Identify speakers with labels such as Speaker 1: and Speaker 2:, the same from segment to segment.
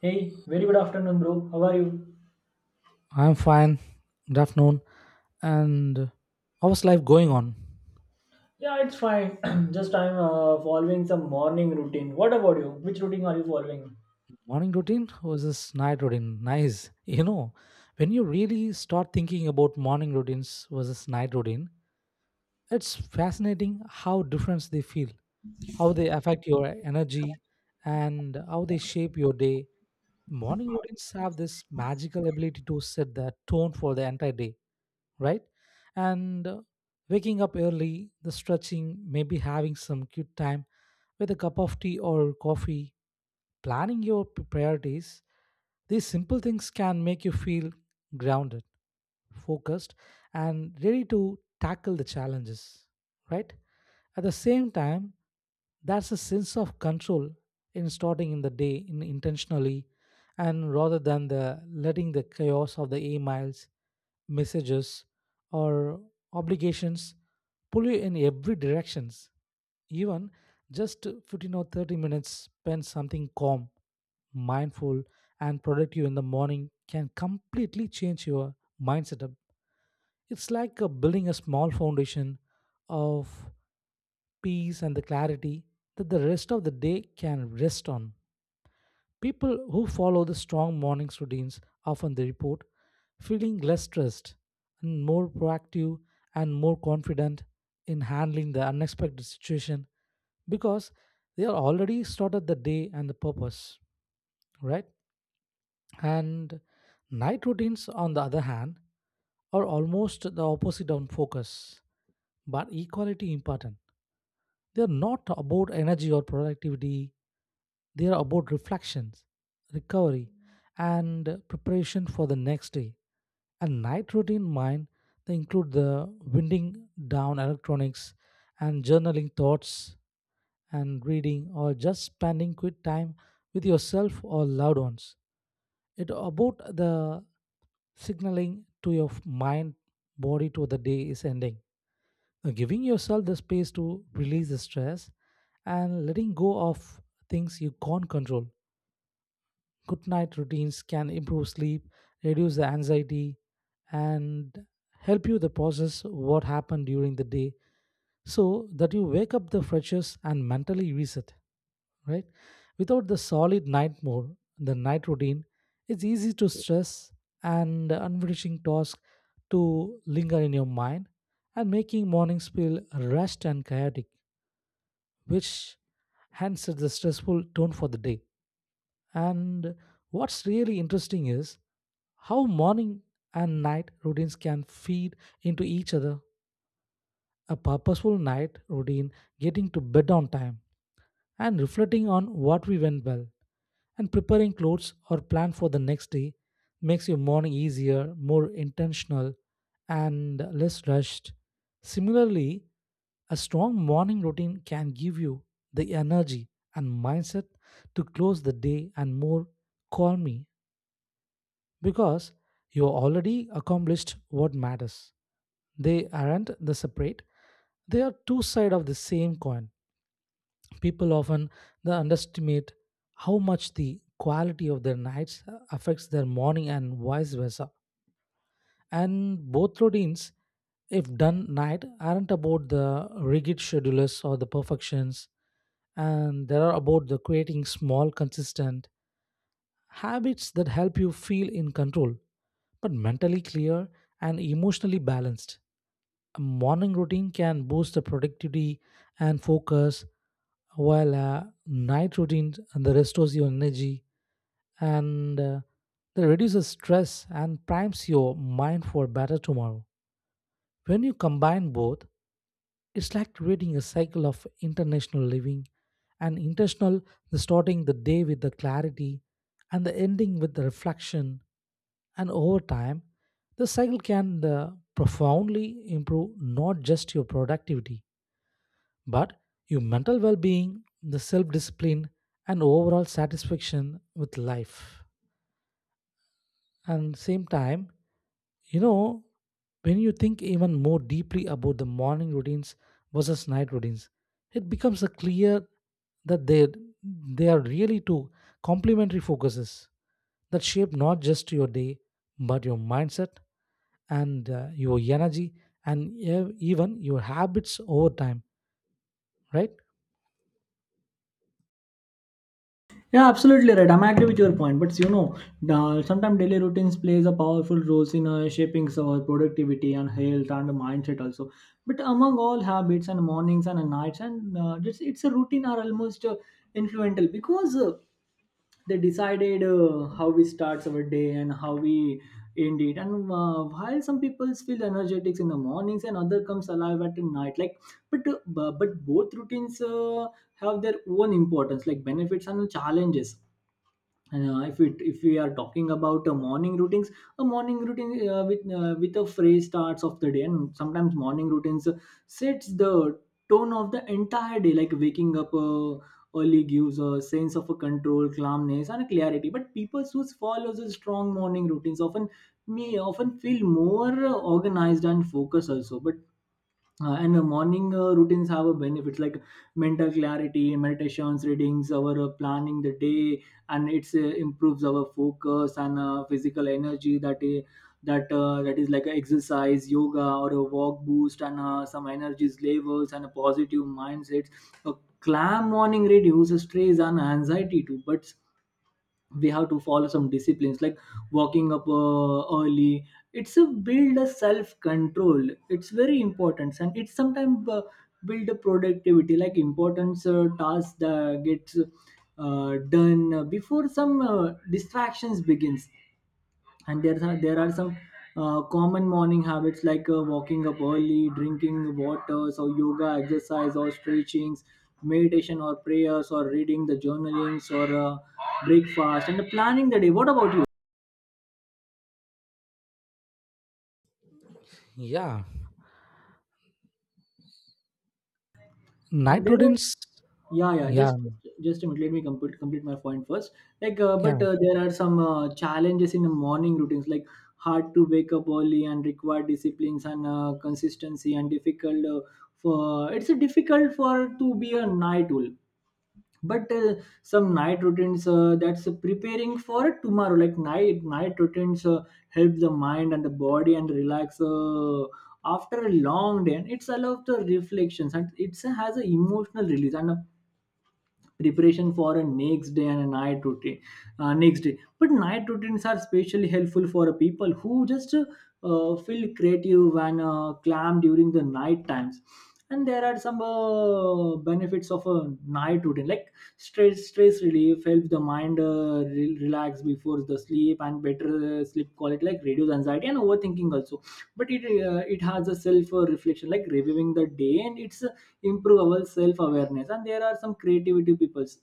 Speaker 1: Hey, very good afternoon, bro. How are you?
Speaker 2: I'm fine. Good afternoon. And how's life going on?
Speaker 1: Yeah, it's fine. Just I'm following some morning routine. What about you? Which routine are you following?
Speaker 2: Morning routine or is this night routine? Nice. You know, when you really start thinking about morning routines versus night routine, it's fascinating how different they feel, how they affect your energy, and how they shape your day. Morning routines have this magical ability to set the tone for the entire day, right? And waking up early, the stretching, maybe having some cute time with a cup of tea or coffee, planning your priorities. These simple things can make you feel grounded, focused, and ready to tackle the challenges, right? At the same time, that's a sense of control in starting in the day in intentionally and rather than the letting the chaos of the emails, messages, or obligations pull you in every directions, even just 15 or 30 minutes spend something calm, mindful, and productive in the morning can completely change your mindset up. It's like building a small foundation of peace and the clarity that the rest of the day can rest on. People who follow the strong morning routines often they report feeling less stressed and more proactive and more confident in handling the unexpected situation because they are already started the day and the purpose, right? And night routines, on the other hand, are almost the opposite on focus, but equality important. They are not about energy or productivity, they are about reflections, recovery, and preparation for the next day. A night routine mind, they include the winding down electronics and journaling thoughts and reading or just spending quick time with yourself or loved ones. It about the signaling to your mind, body to the day is ending. Now, giving yourself the space to release the stress and letting go of things you can't control. Good night routines can improve sleep, reduce the anxiety, and help you to process what happened during the day so that you wake up the freshest and mentally reset, right? Without the solid night mode, the night routine, it's easy to stress and unfinishing tasks to linger in your mind and making mornings feel rushed and chaotic, which hence sets the stressful tone for the day. And what's really interesting is how morning and night routines can feed into each other. A purposeful night routine, getting to bed on time, and reflecting on what we went well, and preparing clothes or plan for the next day makes your morning easier, more intentional, and less rushed. Similarly, a strong morning routine can give you the energy and mindset to close the day and more calmly because you already accomplished what matters. They aren't the separate, they are two sides of the same coin. People often they underestimate how much the quality of their nights affects their morning and vice versa. And both routines, if done night, aren't about the rigid schedules or the perfections, and they are about the creating small, consistent habits that help you feel in control, but mentally clear and emotionally balanced. A morning routine can boost the productivity and focus, while night routine and the restores your energy, and that reduces stress and primes your mind for better tomorrow. When you combine both, it's like creating a cycle of international living and intentional, the starting the day with the clarity and the ending with the reflection, and over time the cycle can profoundly improve not just your productivity but your mental well being, the self discipline, and overall satisfaction with life. And same time, you know, when you think even more deeply about the morning routines versus night routines, it becomes a clear that they are really two complementary focuses that shape not just your day but your mindset and your energy, and even your habits over time, right?
Speaker 1: Yeah, absolutely right. I'm agree with your point, but sometimes daily routines plays a powerful role in shaping our productivity and health and mindset also. But among all habits and mornings and nights and it's a routine are almost influential, because they decided how we start our day and how we end it. And while some people feel energetic in the mornings and other comes alive at night, like, but both routines have their own importance, like benefits and challenges. And if we are talking about morning routines, a morning routine with a phrase starts of the day. And sometimes morning routines sets the tone of the entire day, like waking up early gives a sense of a control, calmness and a clarity. But people who follows a strong morning routines often may often feel more organized and focused also, but and morning routines have a benefits like mental clarity, meditations, readings, our planning the day. And it's improves our focus and physical energy, that is like a exercise, yoga, or a walk boost, and some energy levels and a positive mindsets. A calm morning reduces stress and anxiety too, but we have to follow some disciplines, like walking up early, it's a build a self control, it's very important. And it's sometimes build a productivity, like important tasks that gets done before some distractions begins. And there are some common morning habits like walking up early, drinking water, so yoga, exercise or stretchings, meditation or prayers, or reading the journalings, or breakfast and planning the day. What about you?
Speaker 2: Yeah,
Speaker 1: And
Speaker 2: night,
Speaker 1: there are Yeah, yeah.
Speaker 2: yeah,
Speaker 1: Just a minute. Let me complete my point first. Like, but
Speaker 2: yeah.
Speaker 1: there are some challenges in the morning routines, like hard to wake up early and require disciplines and consistency, and difficult for it's a difficult for to be a night owl. But some night routines that's preparing for tomorrow, like night routines help the mind and the body and relax. After a long day, and it's allowed the reflections, and it has an emotional release and a preparation for a next day, and a night routine next day. But night routines are especially helpful for people who just feel creative and calm during the night times. And there are some benefits of a night routine, like stress relief helps the mind relax before the sleep, and better sleep quality, like reduce anxiety and overthinking also. But it has a self reflection, like reviewing the day and its improve our self-awareness. And there are some creativity peoples,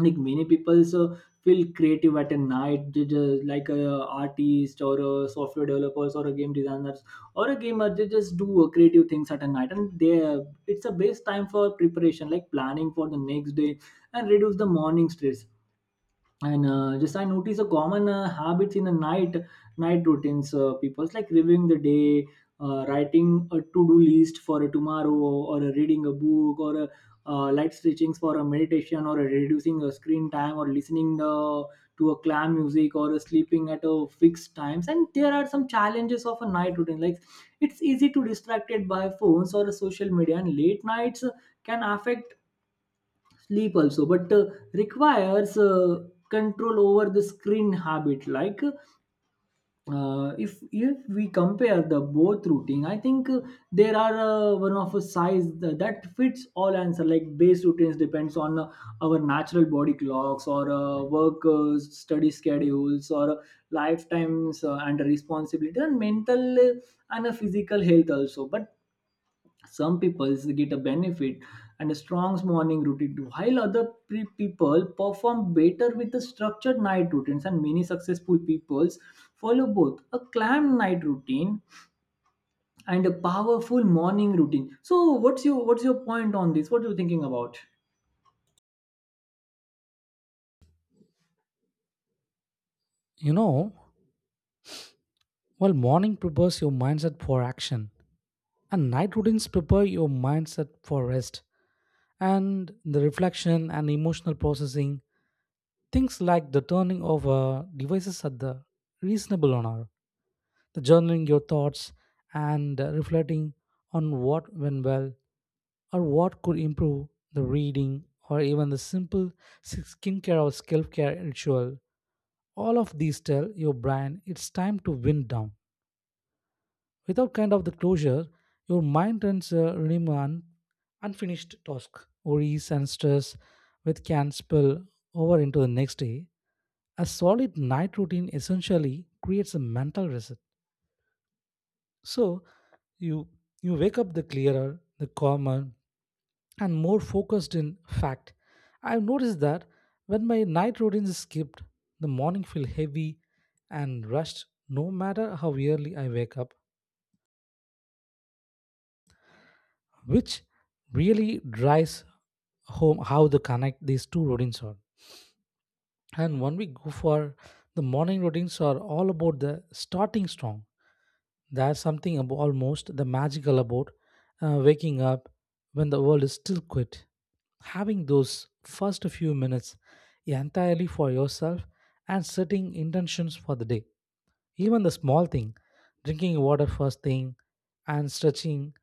Speaker 1: like many people so feel creative at a night. They just, like a artist or a software developers or a game designers or a gamer, they just do creative things at a night. And they it's a best time for preparation, like planning for the next day and reduce the morning stress. And just I notice a common habits in the night routines, people's like reviewing the day, writing a to-do list for a tomorrow, or a reading a book, or a light stretchings for a meditation, or a reducing a screen time, or listening the, to a clam music, or a sleeping at a fixed times. And there are some challenges of a night routine, like it's easy to distracted by phones or social media, and late nights can affect sleep also. But requires control over the screen habit. Like, if we compare the both routine, I think there are one of a size that fits all answer, like base routines depends on our natural body clocks, or work study schedules, or lifetimes and responsibility and mental and physical health also. But some people get a benefit and a strong morning routine too, while other people perform better with the structured night routines, and many successful peoples follow both a calm night routine and a powerful morning routine. So what's your point on this? What are you thinking about?
Speaker 2: You know, while morning prepares your mindset for action, and night prepare your mindset for rest and the reflection and emotional processing. Things like the turning of devices at the reasonable hour, the journaling your thoughts, and reflecting on what went well or what could improve, the reading, or even the simple skincare or scalp care ritual. All of these tell your brain it's time to wind down. Without kind of the closure, your mind turns a remain unfinished task, worries, and stress, which can spill over into the next day. A solid night routine essentially creates a mental reset. So you you wake up the clearer, the calmer, and more focused in fact. I've noticed that when my night routine is skipped, the morning feel heavy and rushed no matter how early I wake up, which really drives home how the connect these two routines are. And when we go for the morning routines are all about the starting strong. There's something almost the magical about waking up when the world is still quiet. Having those first few minutes entirely for yourself and setting intentions for the day. Even the small thing, drinking water first thing and stretching,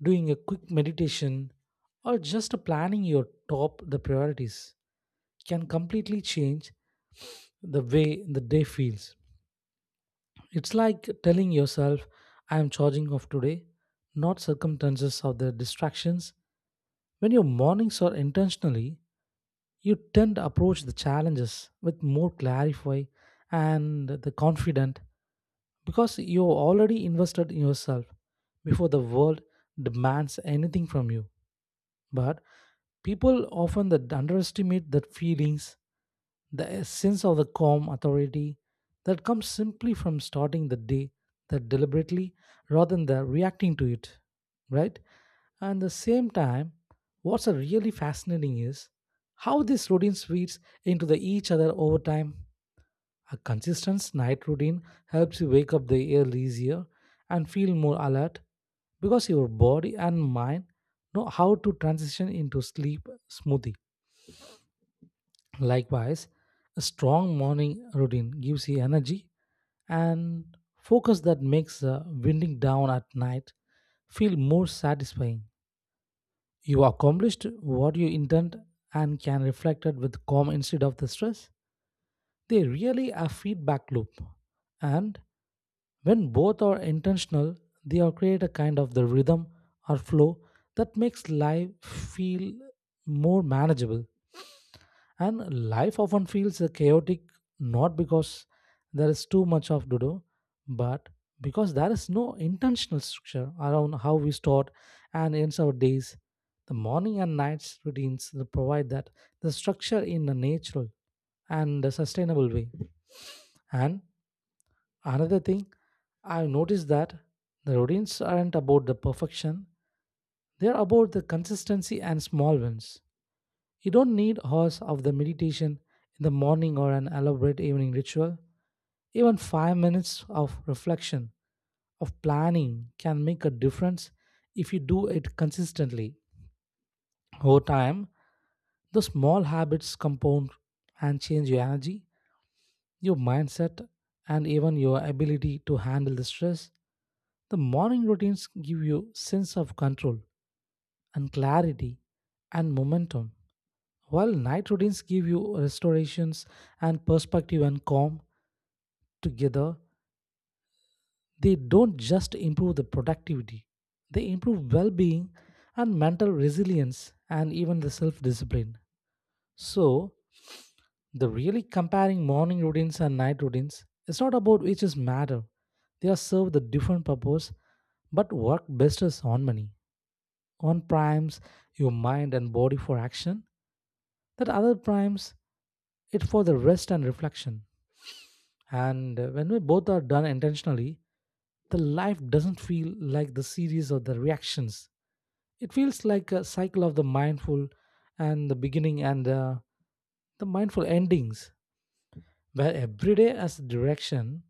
Speaker 2: doing a quick meditation or just planning your top the priorities can completely change the way the day feels. It's like telling yourself, I am charging off today, not circumstances or the distractions. When your mornings are intentionally, you tend to approach the challenges with more clarify and the confident because you're already invested in yourself before the world demands anything from you. But people often that underestimate that feelings, the sense of the calm authority that comes simply from starting the day that deliberately rather than the reacting to it, right? And the same time, what's a really fascinating is how this routine feeds into the each other over time. A consistent night routine helps you wake up the air easier and feel more alert because your body and mind know how to transition into sleep smoothly. Likewise, a strong morning routine gives you energy and focus that makes winding down at night feel more satisfying. You accomplished what you intend and can reflect it with calm instead of the stress. They really are feedback loop. And when both are intentional, they are create a kind of the rhythm or flow that makes life feel more manageable. And life often feels chaotic, not because there is too much of to do, but because there is no intentional structure around how we start and ends our days. The morning and nights routines that provide that the structure in a natural and a sustainable way. And another thing, I've noticed that the routines aren't about the perfection; they're about the consistency and small wins. You don't need hours of the meditation in the morning or an elaborate evening ritual. Even 5 minutes of reflection, of planning, can make a difference if you do it consistently. Over time, the small habits compound and change your energy, your mindset, and even your ability to handle the stress. The morning routines give you sense of control and clarity and momentum. While night routines give you restorations and perspective and calm together, they don't just improve the productivity, they improve well being and mental resilience and even the self discipline. So, the really comparing morning routines and night routines is not about which is matter. They are serve the different purpose but work best as harmony. One primes your mind and body for action, that other primes it for the rest and reflection. And when we both are done intentionally, the life doesn't feel like the series of the reactions. It feels like a cycle of the mindful and the beginning, and the mindful endings, where every day has direction,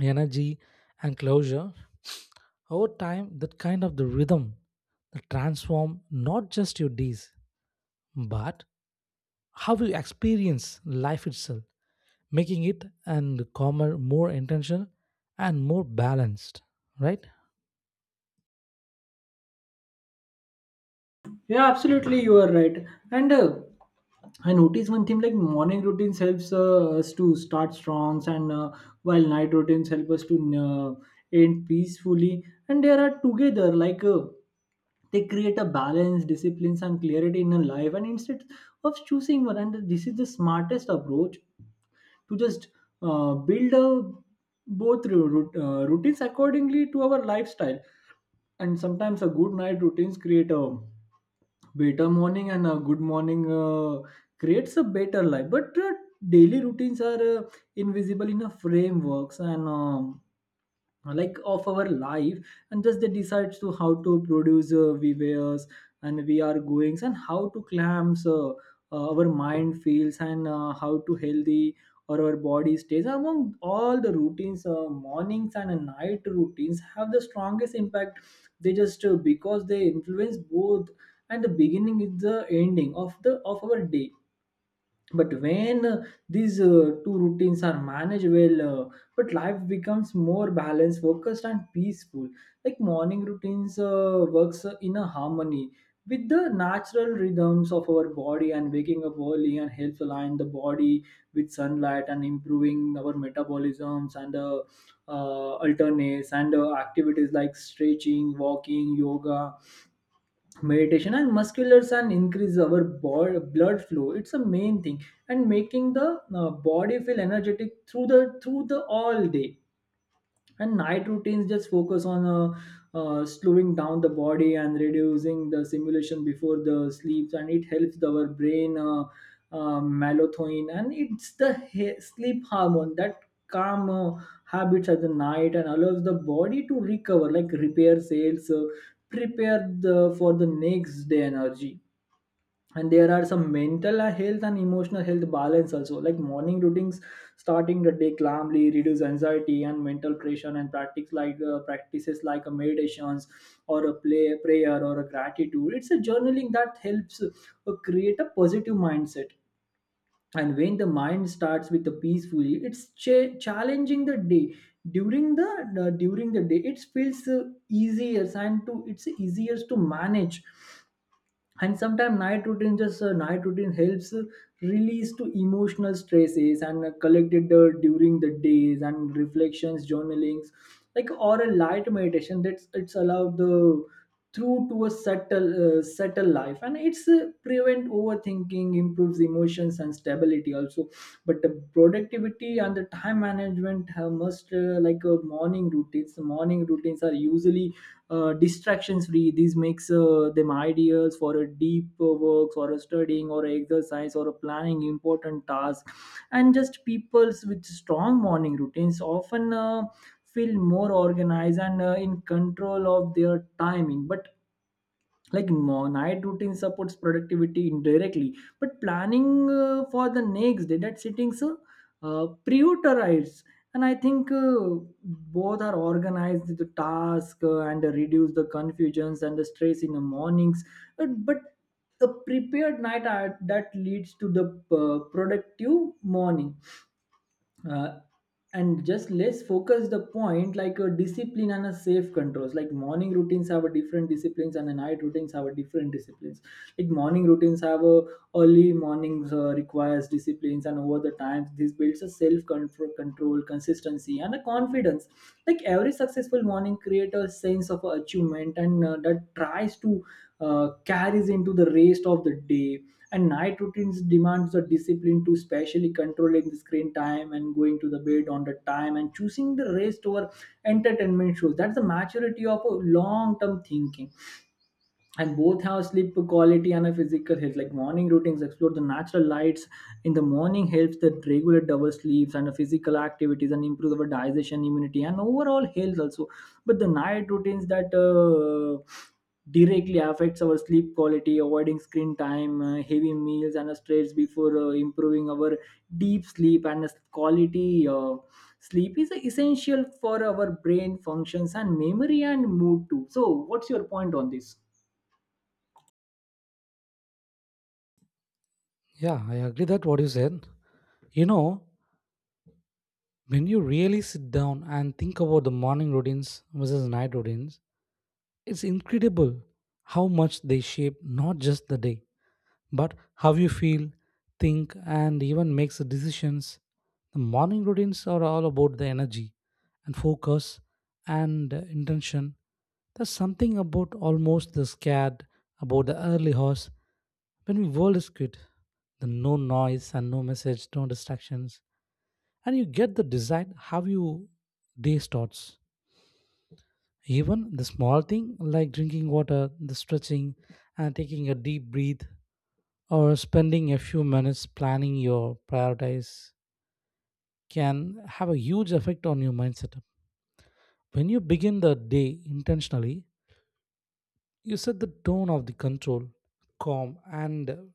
Speaker 2: energy, and closure. Over time, that kind of the rhythm that transform not just your days, but how you experience life itself, making it and calmer, more intentional, and more balanced. Right?
Speaker 1: Yeah, absolutely, you are right. And I notice one thing, like morning routines helps us to start strong, and while night routines help us to end peacefully. And they are together, like. They create a balance disciplines and clarity in a life, and instead of choosing one, and this is the smartest approach, to just build a both routines accordingly to our lifestyle. And sometimes a good night routines create a better morning, and a good morning creates a better life. But daily routines are invisible in a frameworks, and like of our life, and just they decide to how to produce VVS and we are goings, and how to clamps our mind feels, and how to healthy or our body stays. Among all the routines, mornings and night routines have the strongest impact. They just because they influence both, and the beginning is the ending of our day. But when these two routines are managed well, but life becomes more balanced, focused and peaceful. Like morning routines works in a harmony with the natural rhythms of our body, and waking up early and helps align the body with sunlight, and improving our metabolisms and alternates, and activities like stretching, walking, yoga, meditation and musculars, and increase our blood flow, it's a main thing, and making the body feel energetic through the all day. And night routines just focus on slowing down the body and reducing the simulation before the sleeps, and it helps our brain melatonin, and it's the sleep hormone that calm habits at the night, and allows the body to recover, like repair cells, prepare the for the next day energy. And there are some mental health and emotional health balance also, like morning routines, starting the day calmly reduce anxiety and mental pressure, and practices like a meditations, or a play prayer, or a gratitude, it's a journaling that helps create a positive mindset. And when the mind starts with the peacefully, it's challenging the day, during the day it feels easier, and to it's easier to manage. And sometimes night routine helps release to emotional stresses and collected during the days, and reflections journalings, like or a light meditation, that's it's allowed the through to a subtle life, and it's prevent overthinking, improves emotions and stability also. But the productivity and the time management must, like, morning routines are usually distractions free, this makes them ideals for a deep works, or a studying, or a exercise, or a planning important task. And just peoples with strong morning routines often feel more organized and in control of their timing. But like night routine supports productivity indirectly, but planning for the next day that settings, so prioritize. And I think both are organized the task, and reduce the confusions and the stress in the mornings, but a prepared night that leads to the productive morning uh, and just let's focus the point, like a discipline and a safe controls, like morning routines have a different disciplines, and a night routines have a different disciplines. Like morning routines have a early mornings requires disciplines, and over the times this builds a self control, consistency and a confidence, like every successful morning creates a sense of achievement, and that tries to carries into the rest of the day. And night routines demands the discipline to, especially controlling the screen time and going to the bed on the time and choosing the rest over entertainment shows, that's the maturity of a long term thinking. And both have sleep quality and a physical health, like morning routines explore the natural lights in the morning helps that regulate our sleeps and the physical activities, and improve our digestion, immunity and overall health also. But the night routines that directly affects our sleep quality, avoiding screen time, heavy meals and a stress before improving our deep sleep and a quality sleep is essential for our brain functions and memory and mood too. So what's your point on this?
Speaker 2: Yeah, I agree that what you said. You know, when you really sit down and think about the morning routines versus night routines, it's incredible how much they shape not just the day, but how you feel, think, and even makes the decisions. The morning routines are all about the energy and focus and intention. There's something about almost the scared about the early hours when the world is good. The no noise and no message, no distractions, and you get the decide how you day starts. Even the small thing like drinking water, the stretching, and taking a deep breath or spending a few minutes planning your priorities can have a huge effect on your mindset. When you begin the day intentionally, you set the tone of the control, calm, and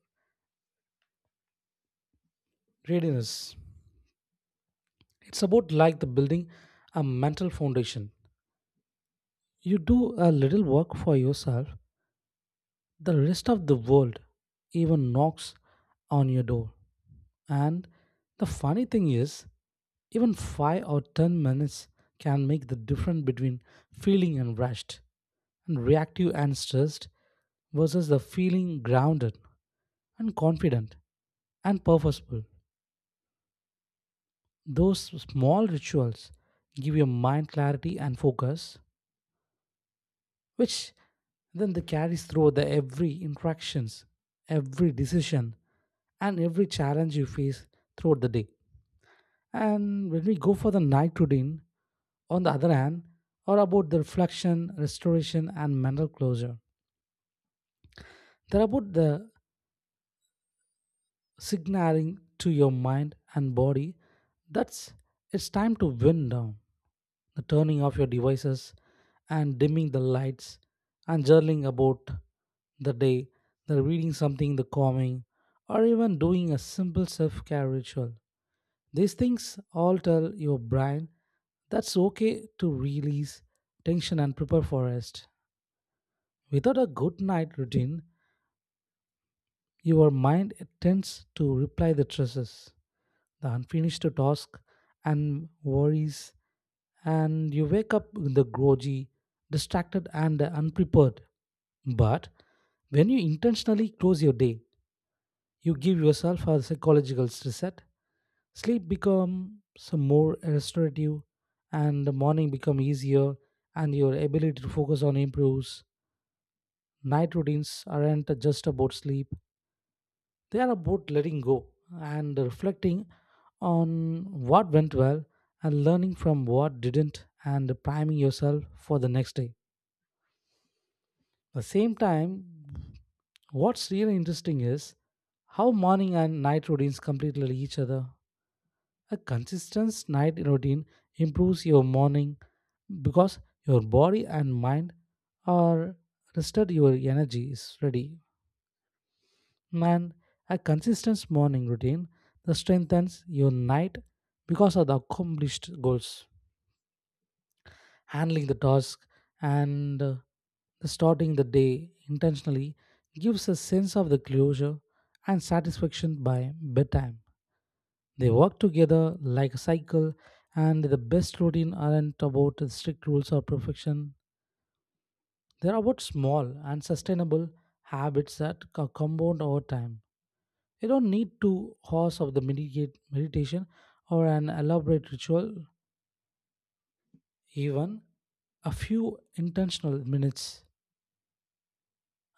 Speaker 2: readiness. It's about like the building a mental foundation. You do a little work for yourself. The rest of the world even knocks on your door. And the funny thing is, even 5 or 10 minutes can make the difference between feeling and rushed and reactive and stressed versus the feeling grounded and confident and purposeful. Those small rituals give your mind clarity and focus, which then they carries through the every interactions, every decision, and every challenge you face throughout the day. And when we go for the night routine, on the other hand, are about the reflection, restoration, and mental closure. They're about the signaling to your mind and body that's it's time to wind down, the turning off your devices and dimming the lights and journaling about the day, the reading something, the calming, or even doing a simple self care ritual. These things all tell your brain that's okay to release tension and prepare for rest. Without a good night routine, your mind tends to reply the stresses, the unfinished task, and worries, and you wake up with the groggy, distracted, and unprepared. But when you intentionally close your day, you give yourself a psychological reset. Sleep becomes more restorative, and the morning becomes easier, and your ability to focus on improves. Night routines aren't just about sleep; they are about letting go and reflecting on what went well and learning from what didn't and priming yourself for the next day. At the same time, what's really interesting is how morning and night routines completely each other. A consistent night routine improves your morning because your body and mind are rested, your energy is ready, and a consistent morning routine that strengthens your night because of the accomplished goals. Handling the task, and the starting the day intentionally gives a sense of the closure and satisfaction by bedtime. They work together like a cycle, and the best routine aren't about the strict rules or perfection. They're about small and sustainable habits that compound over time. You don't need 2 hours of the meditation or an elaborate ritual, even a few intentional minutes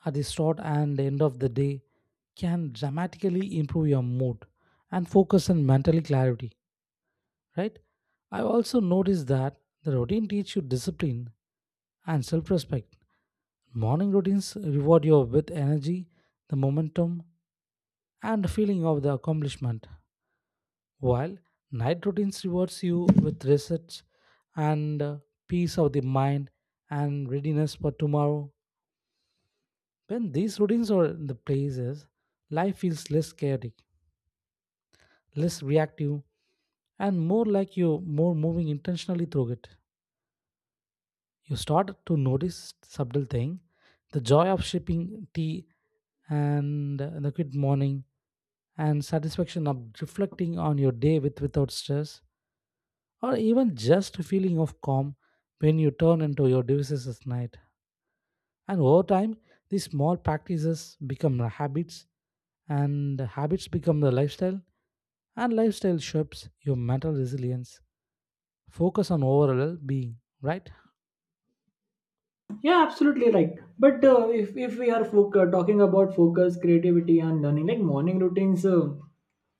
Speaker 2: at the start and end of the day can dramatically improve your mood and focus and mental clarity, right? I also noticed that the routine teaches you discipline and self respect. Morning routines reward you with energy, the momentum, and feeling of the accomplishment. While night routines rewards you with research, and peace of the mind and readiness for tomorrow, when these routines are in the places, life feels less chaotic, less reactive, and more like you more moving intentionally through it. You start to notice subtle thing, the joy of shipping tea, and the good morning and satisfaction of reflecting on your day with without stress, or even just a feeling of calm when you turn into your devices at night. And over time, these small practices become the habits, and the habits become the lifestyle, and lifestyle shapes your mental resilience. Focus on overall well being, right?
Speaker 1: Yeah, absolutely right. But if we are talking about focus creativity and learning, like morning routines uh,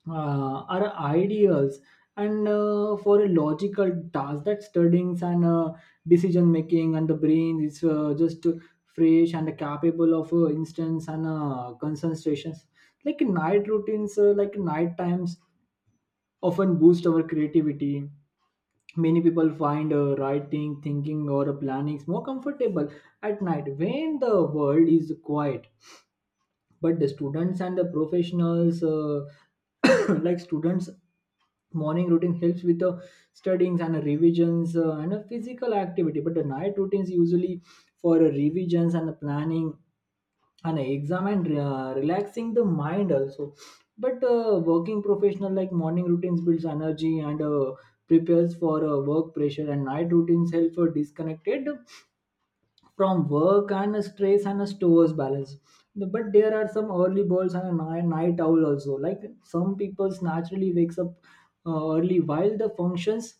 Speaker 1: uh, are ideals, and for a logical task, that studying and decision making, and the brain is just fresh and capable of instance and concentrations. Like night routines, like night times often boost our creativity. Many people find writing, thinking or planning more comfortable at night when the world is quiet. But the students and the professionals, like students, morning routine helps with the studying and revisions, and a physical activity. But the night routines usually for revisions and planning and examine, relaxing the mind also. But working professional, like morning routines builds energy and prepares for work pressure. And night routines help for disconnected from work and stress and stores balance. But there are some early birds and a night owl also. Like some people's naturally wakes up early while the functions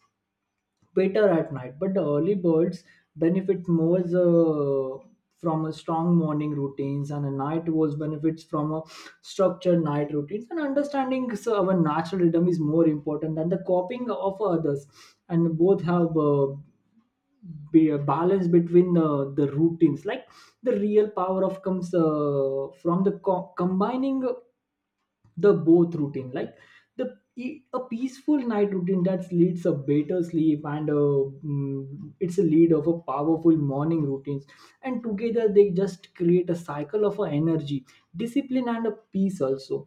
Speaker 1: better at night, but the early birds benefit more from a strong morning routines, and a night was benefits from a structured night routines. And understanding so our natural rhythm is more important than the copying of others, and both have. Be a balance between the routines, like the real power of comes from the combining the both routine, like the a peaceful night routine that leads a better sleep and a, it's a lead of a powerful morning routines, and together they just create a cycle of a energy, discipline and a peace also.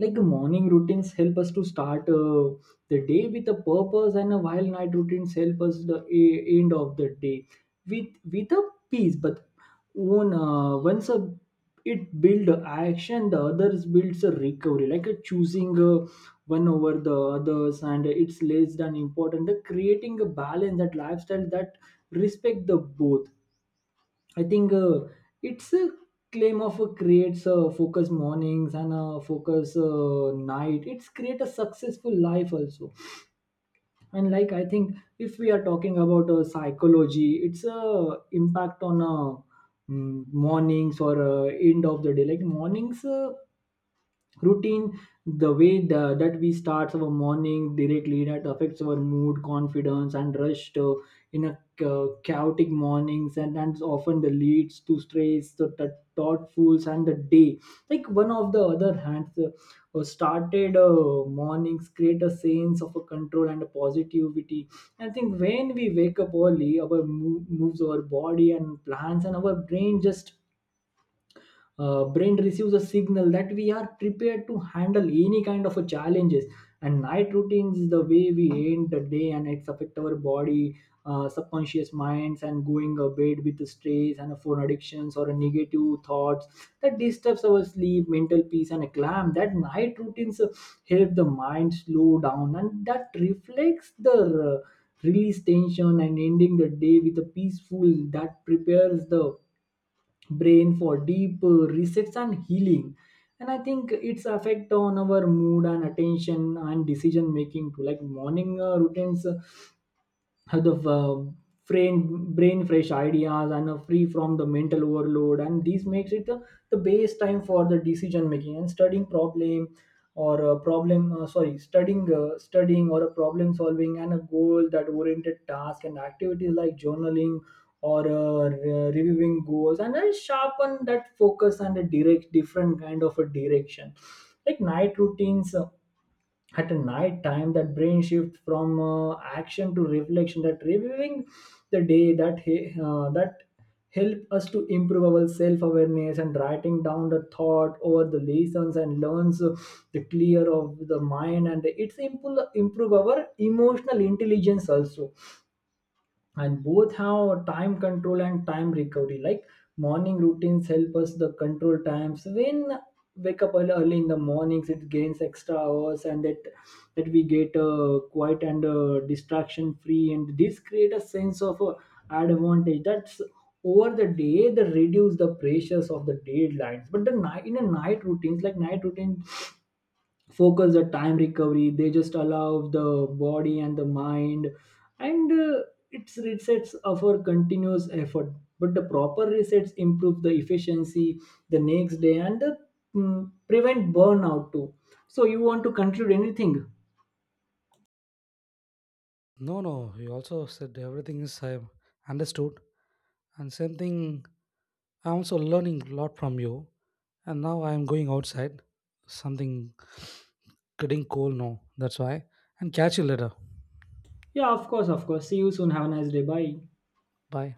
Speaker 1: Like morning routines help us to start the day with a purpose, and a while night routines help us the end of the day with a peace. But one, once a, it build a action, the others builds a recovery, like a choosing one over the others, and it's less than important the creating a balance that lifestyle that respect the both. I think it's a claim of creates a focus mornings and a focus night. It's create a successful life also. And like I think if we are talking about psychology, it's a impact on mornings or end of the day. Like mornings. Routine, the way the, that we start our morning directly that affects our mood, confidence and rush to, in a chaotic mornings, and often the leads to stress, the thoughtfuls and the day. Like one of the other hands, started mornings create a sense of a control and a positivity. I think when we wake up early our moves our body and plans, and our brain just, brain receives a signal that we are prepared to handle any kind of a challenges. And night routines is the way we end the day, and it's affect our body, subconscious minds, and going a bed with stress and a phone addictions or a negative thoughts that disturbs our sleep, mental peace and a calm. That night routines help the mind slow down, and that reflects the, release tension, and ending the day with a peaceful that prepares the brain for deep resets and healing. And I think its effect on our mood and attention and decision making too. Like morning routines have the, brain fresh ideas and are free from the mental overload, and this makes it the base time for the decision making and studying problem or a problem, sorry, studying, studying or a problem solving, and a goal that oriented task and activities like journaling or reviewing goals, and then sharpen that focus and a direct different kind of a direction. Like night routines, at a night time that brain shift from action to reflection, that reviewing the day, that help us to improve our self-awareness, and writing down the thought over the lessons and learns, the clear of the mind, and it's improve our emotional intelligence also. And both have time control and time recovery. Like morning routines help us the control times when wake up early, early in the mornings it gains extra hours, and that that we get quiet and distraction free, and this create a sense of advantage that's over the day, they reduce the pressures of the deadlines. But the night, in a night routines, like night routine focus the time recovery, they just allow the body and the mind and, it's resets of our continuous effort. But the proper resets improve the efficiency the next day and, prevent burnout too. So you want to conclude anything?
Speaker 2: No, no, he also said everything is I have understood. And same thing, I'm also learning a lot from you. And now I'm going outside. Something getting cold now. That's why. And catch you later.
Speaker 1: Yeah, of course, of course, see you soon, have a nice day, bye.
Speaker 2: Bye.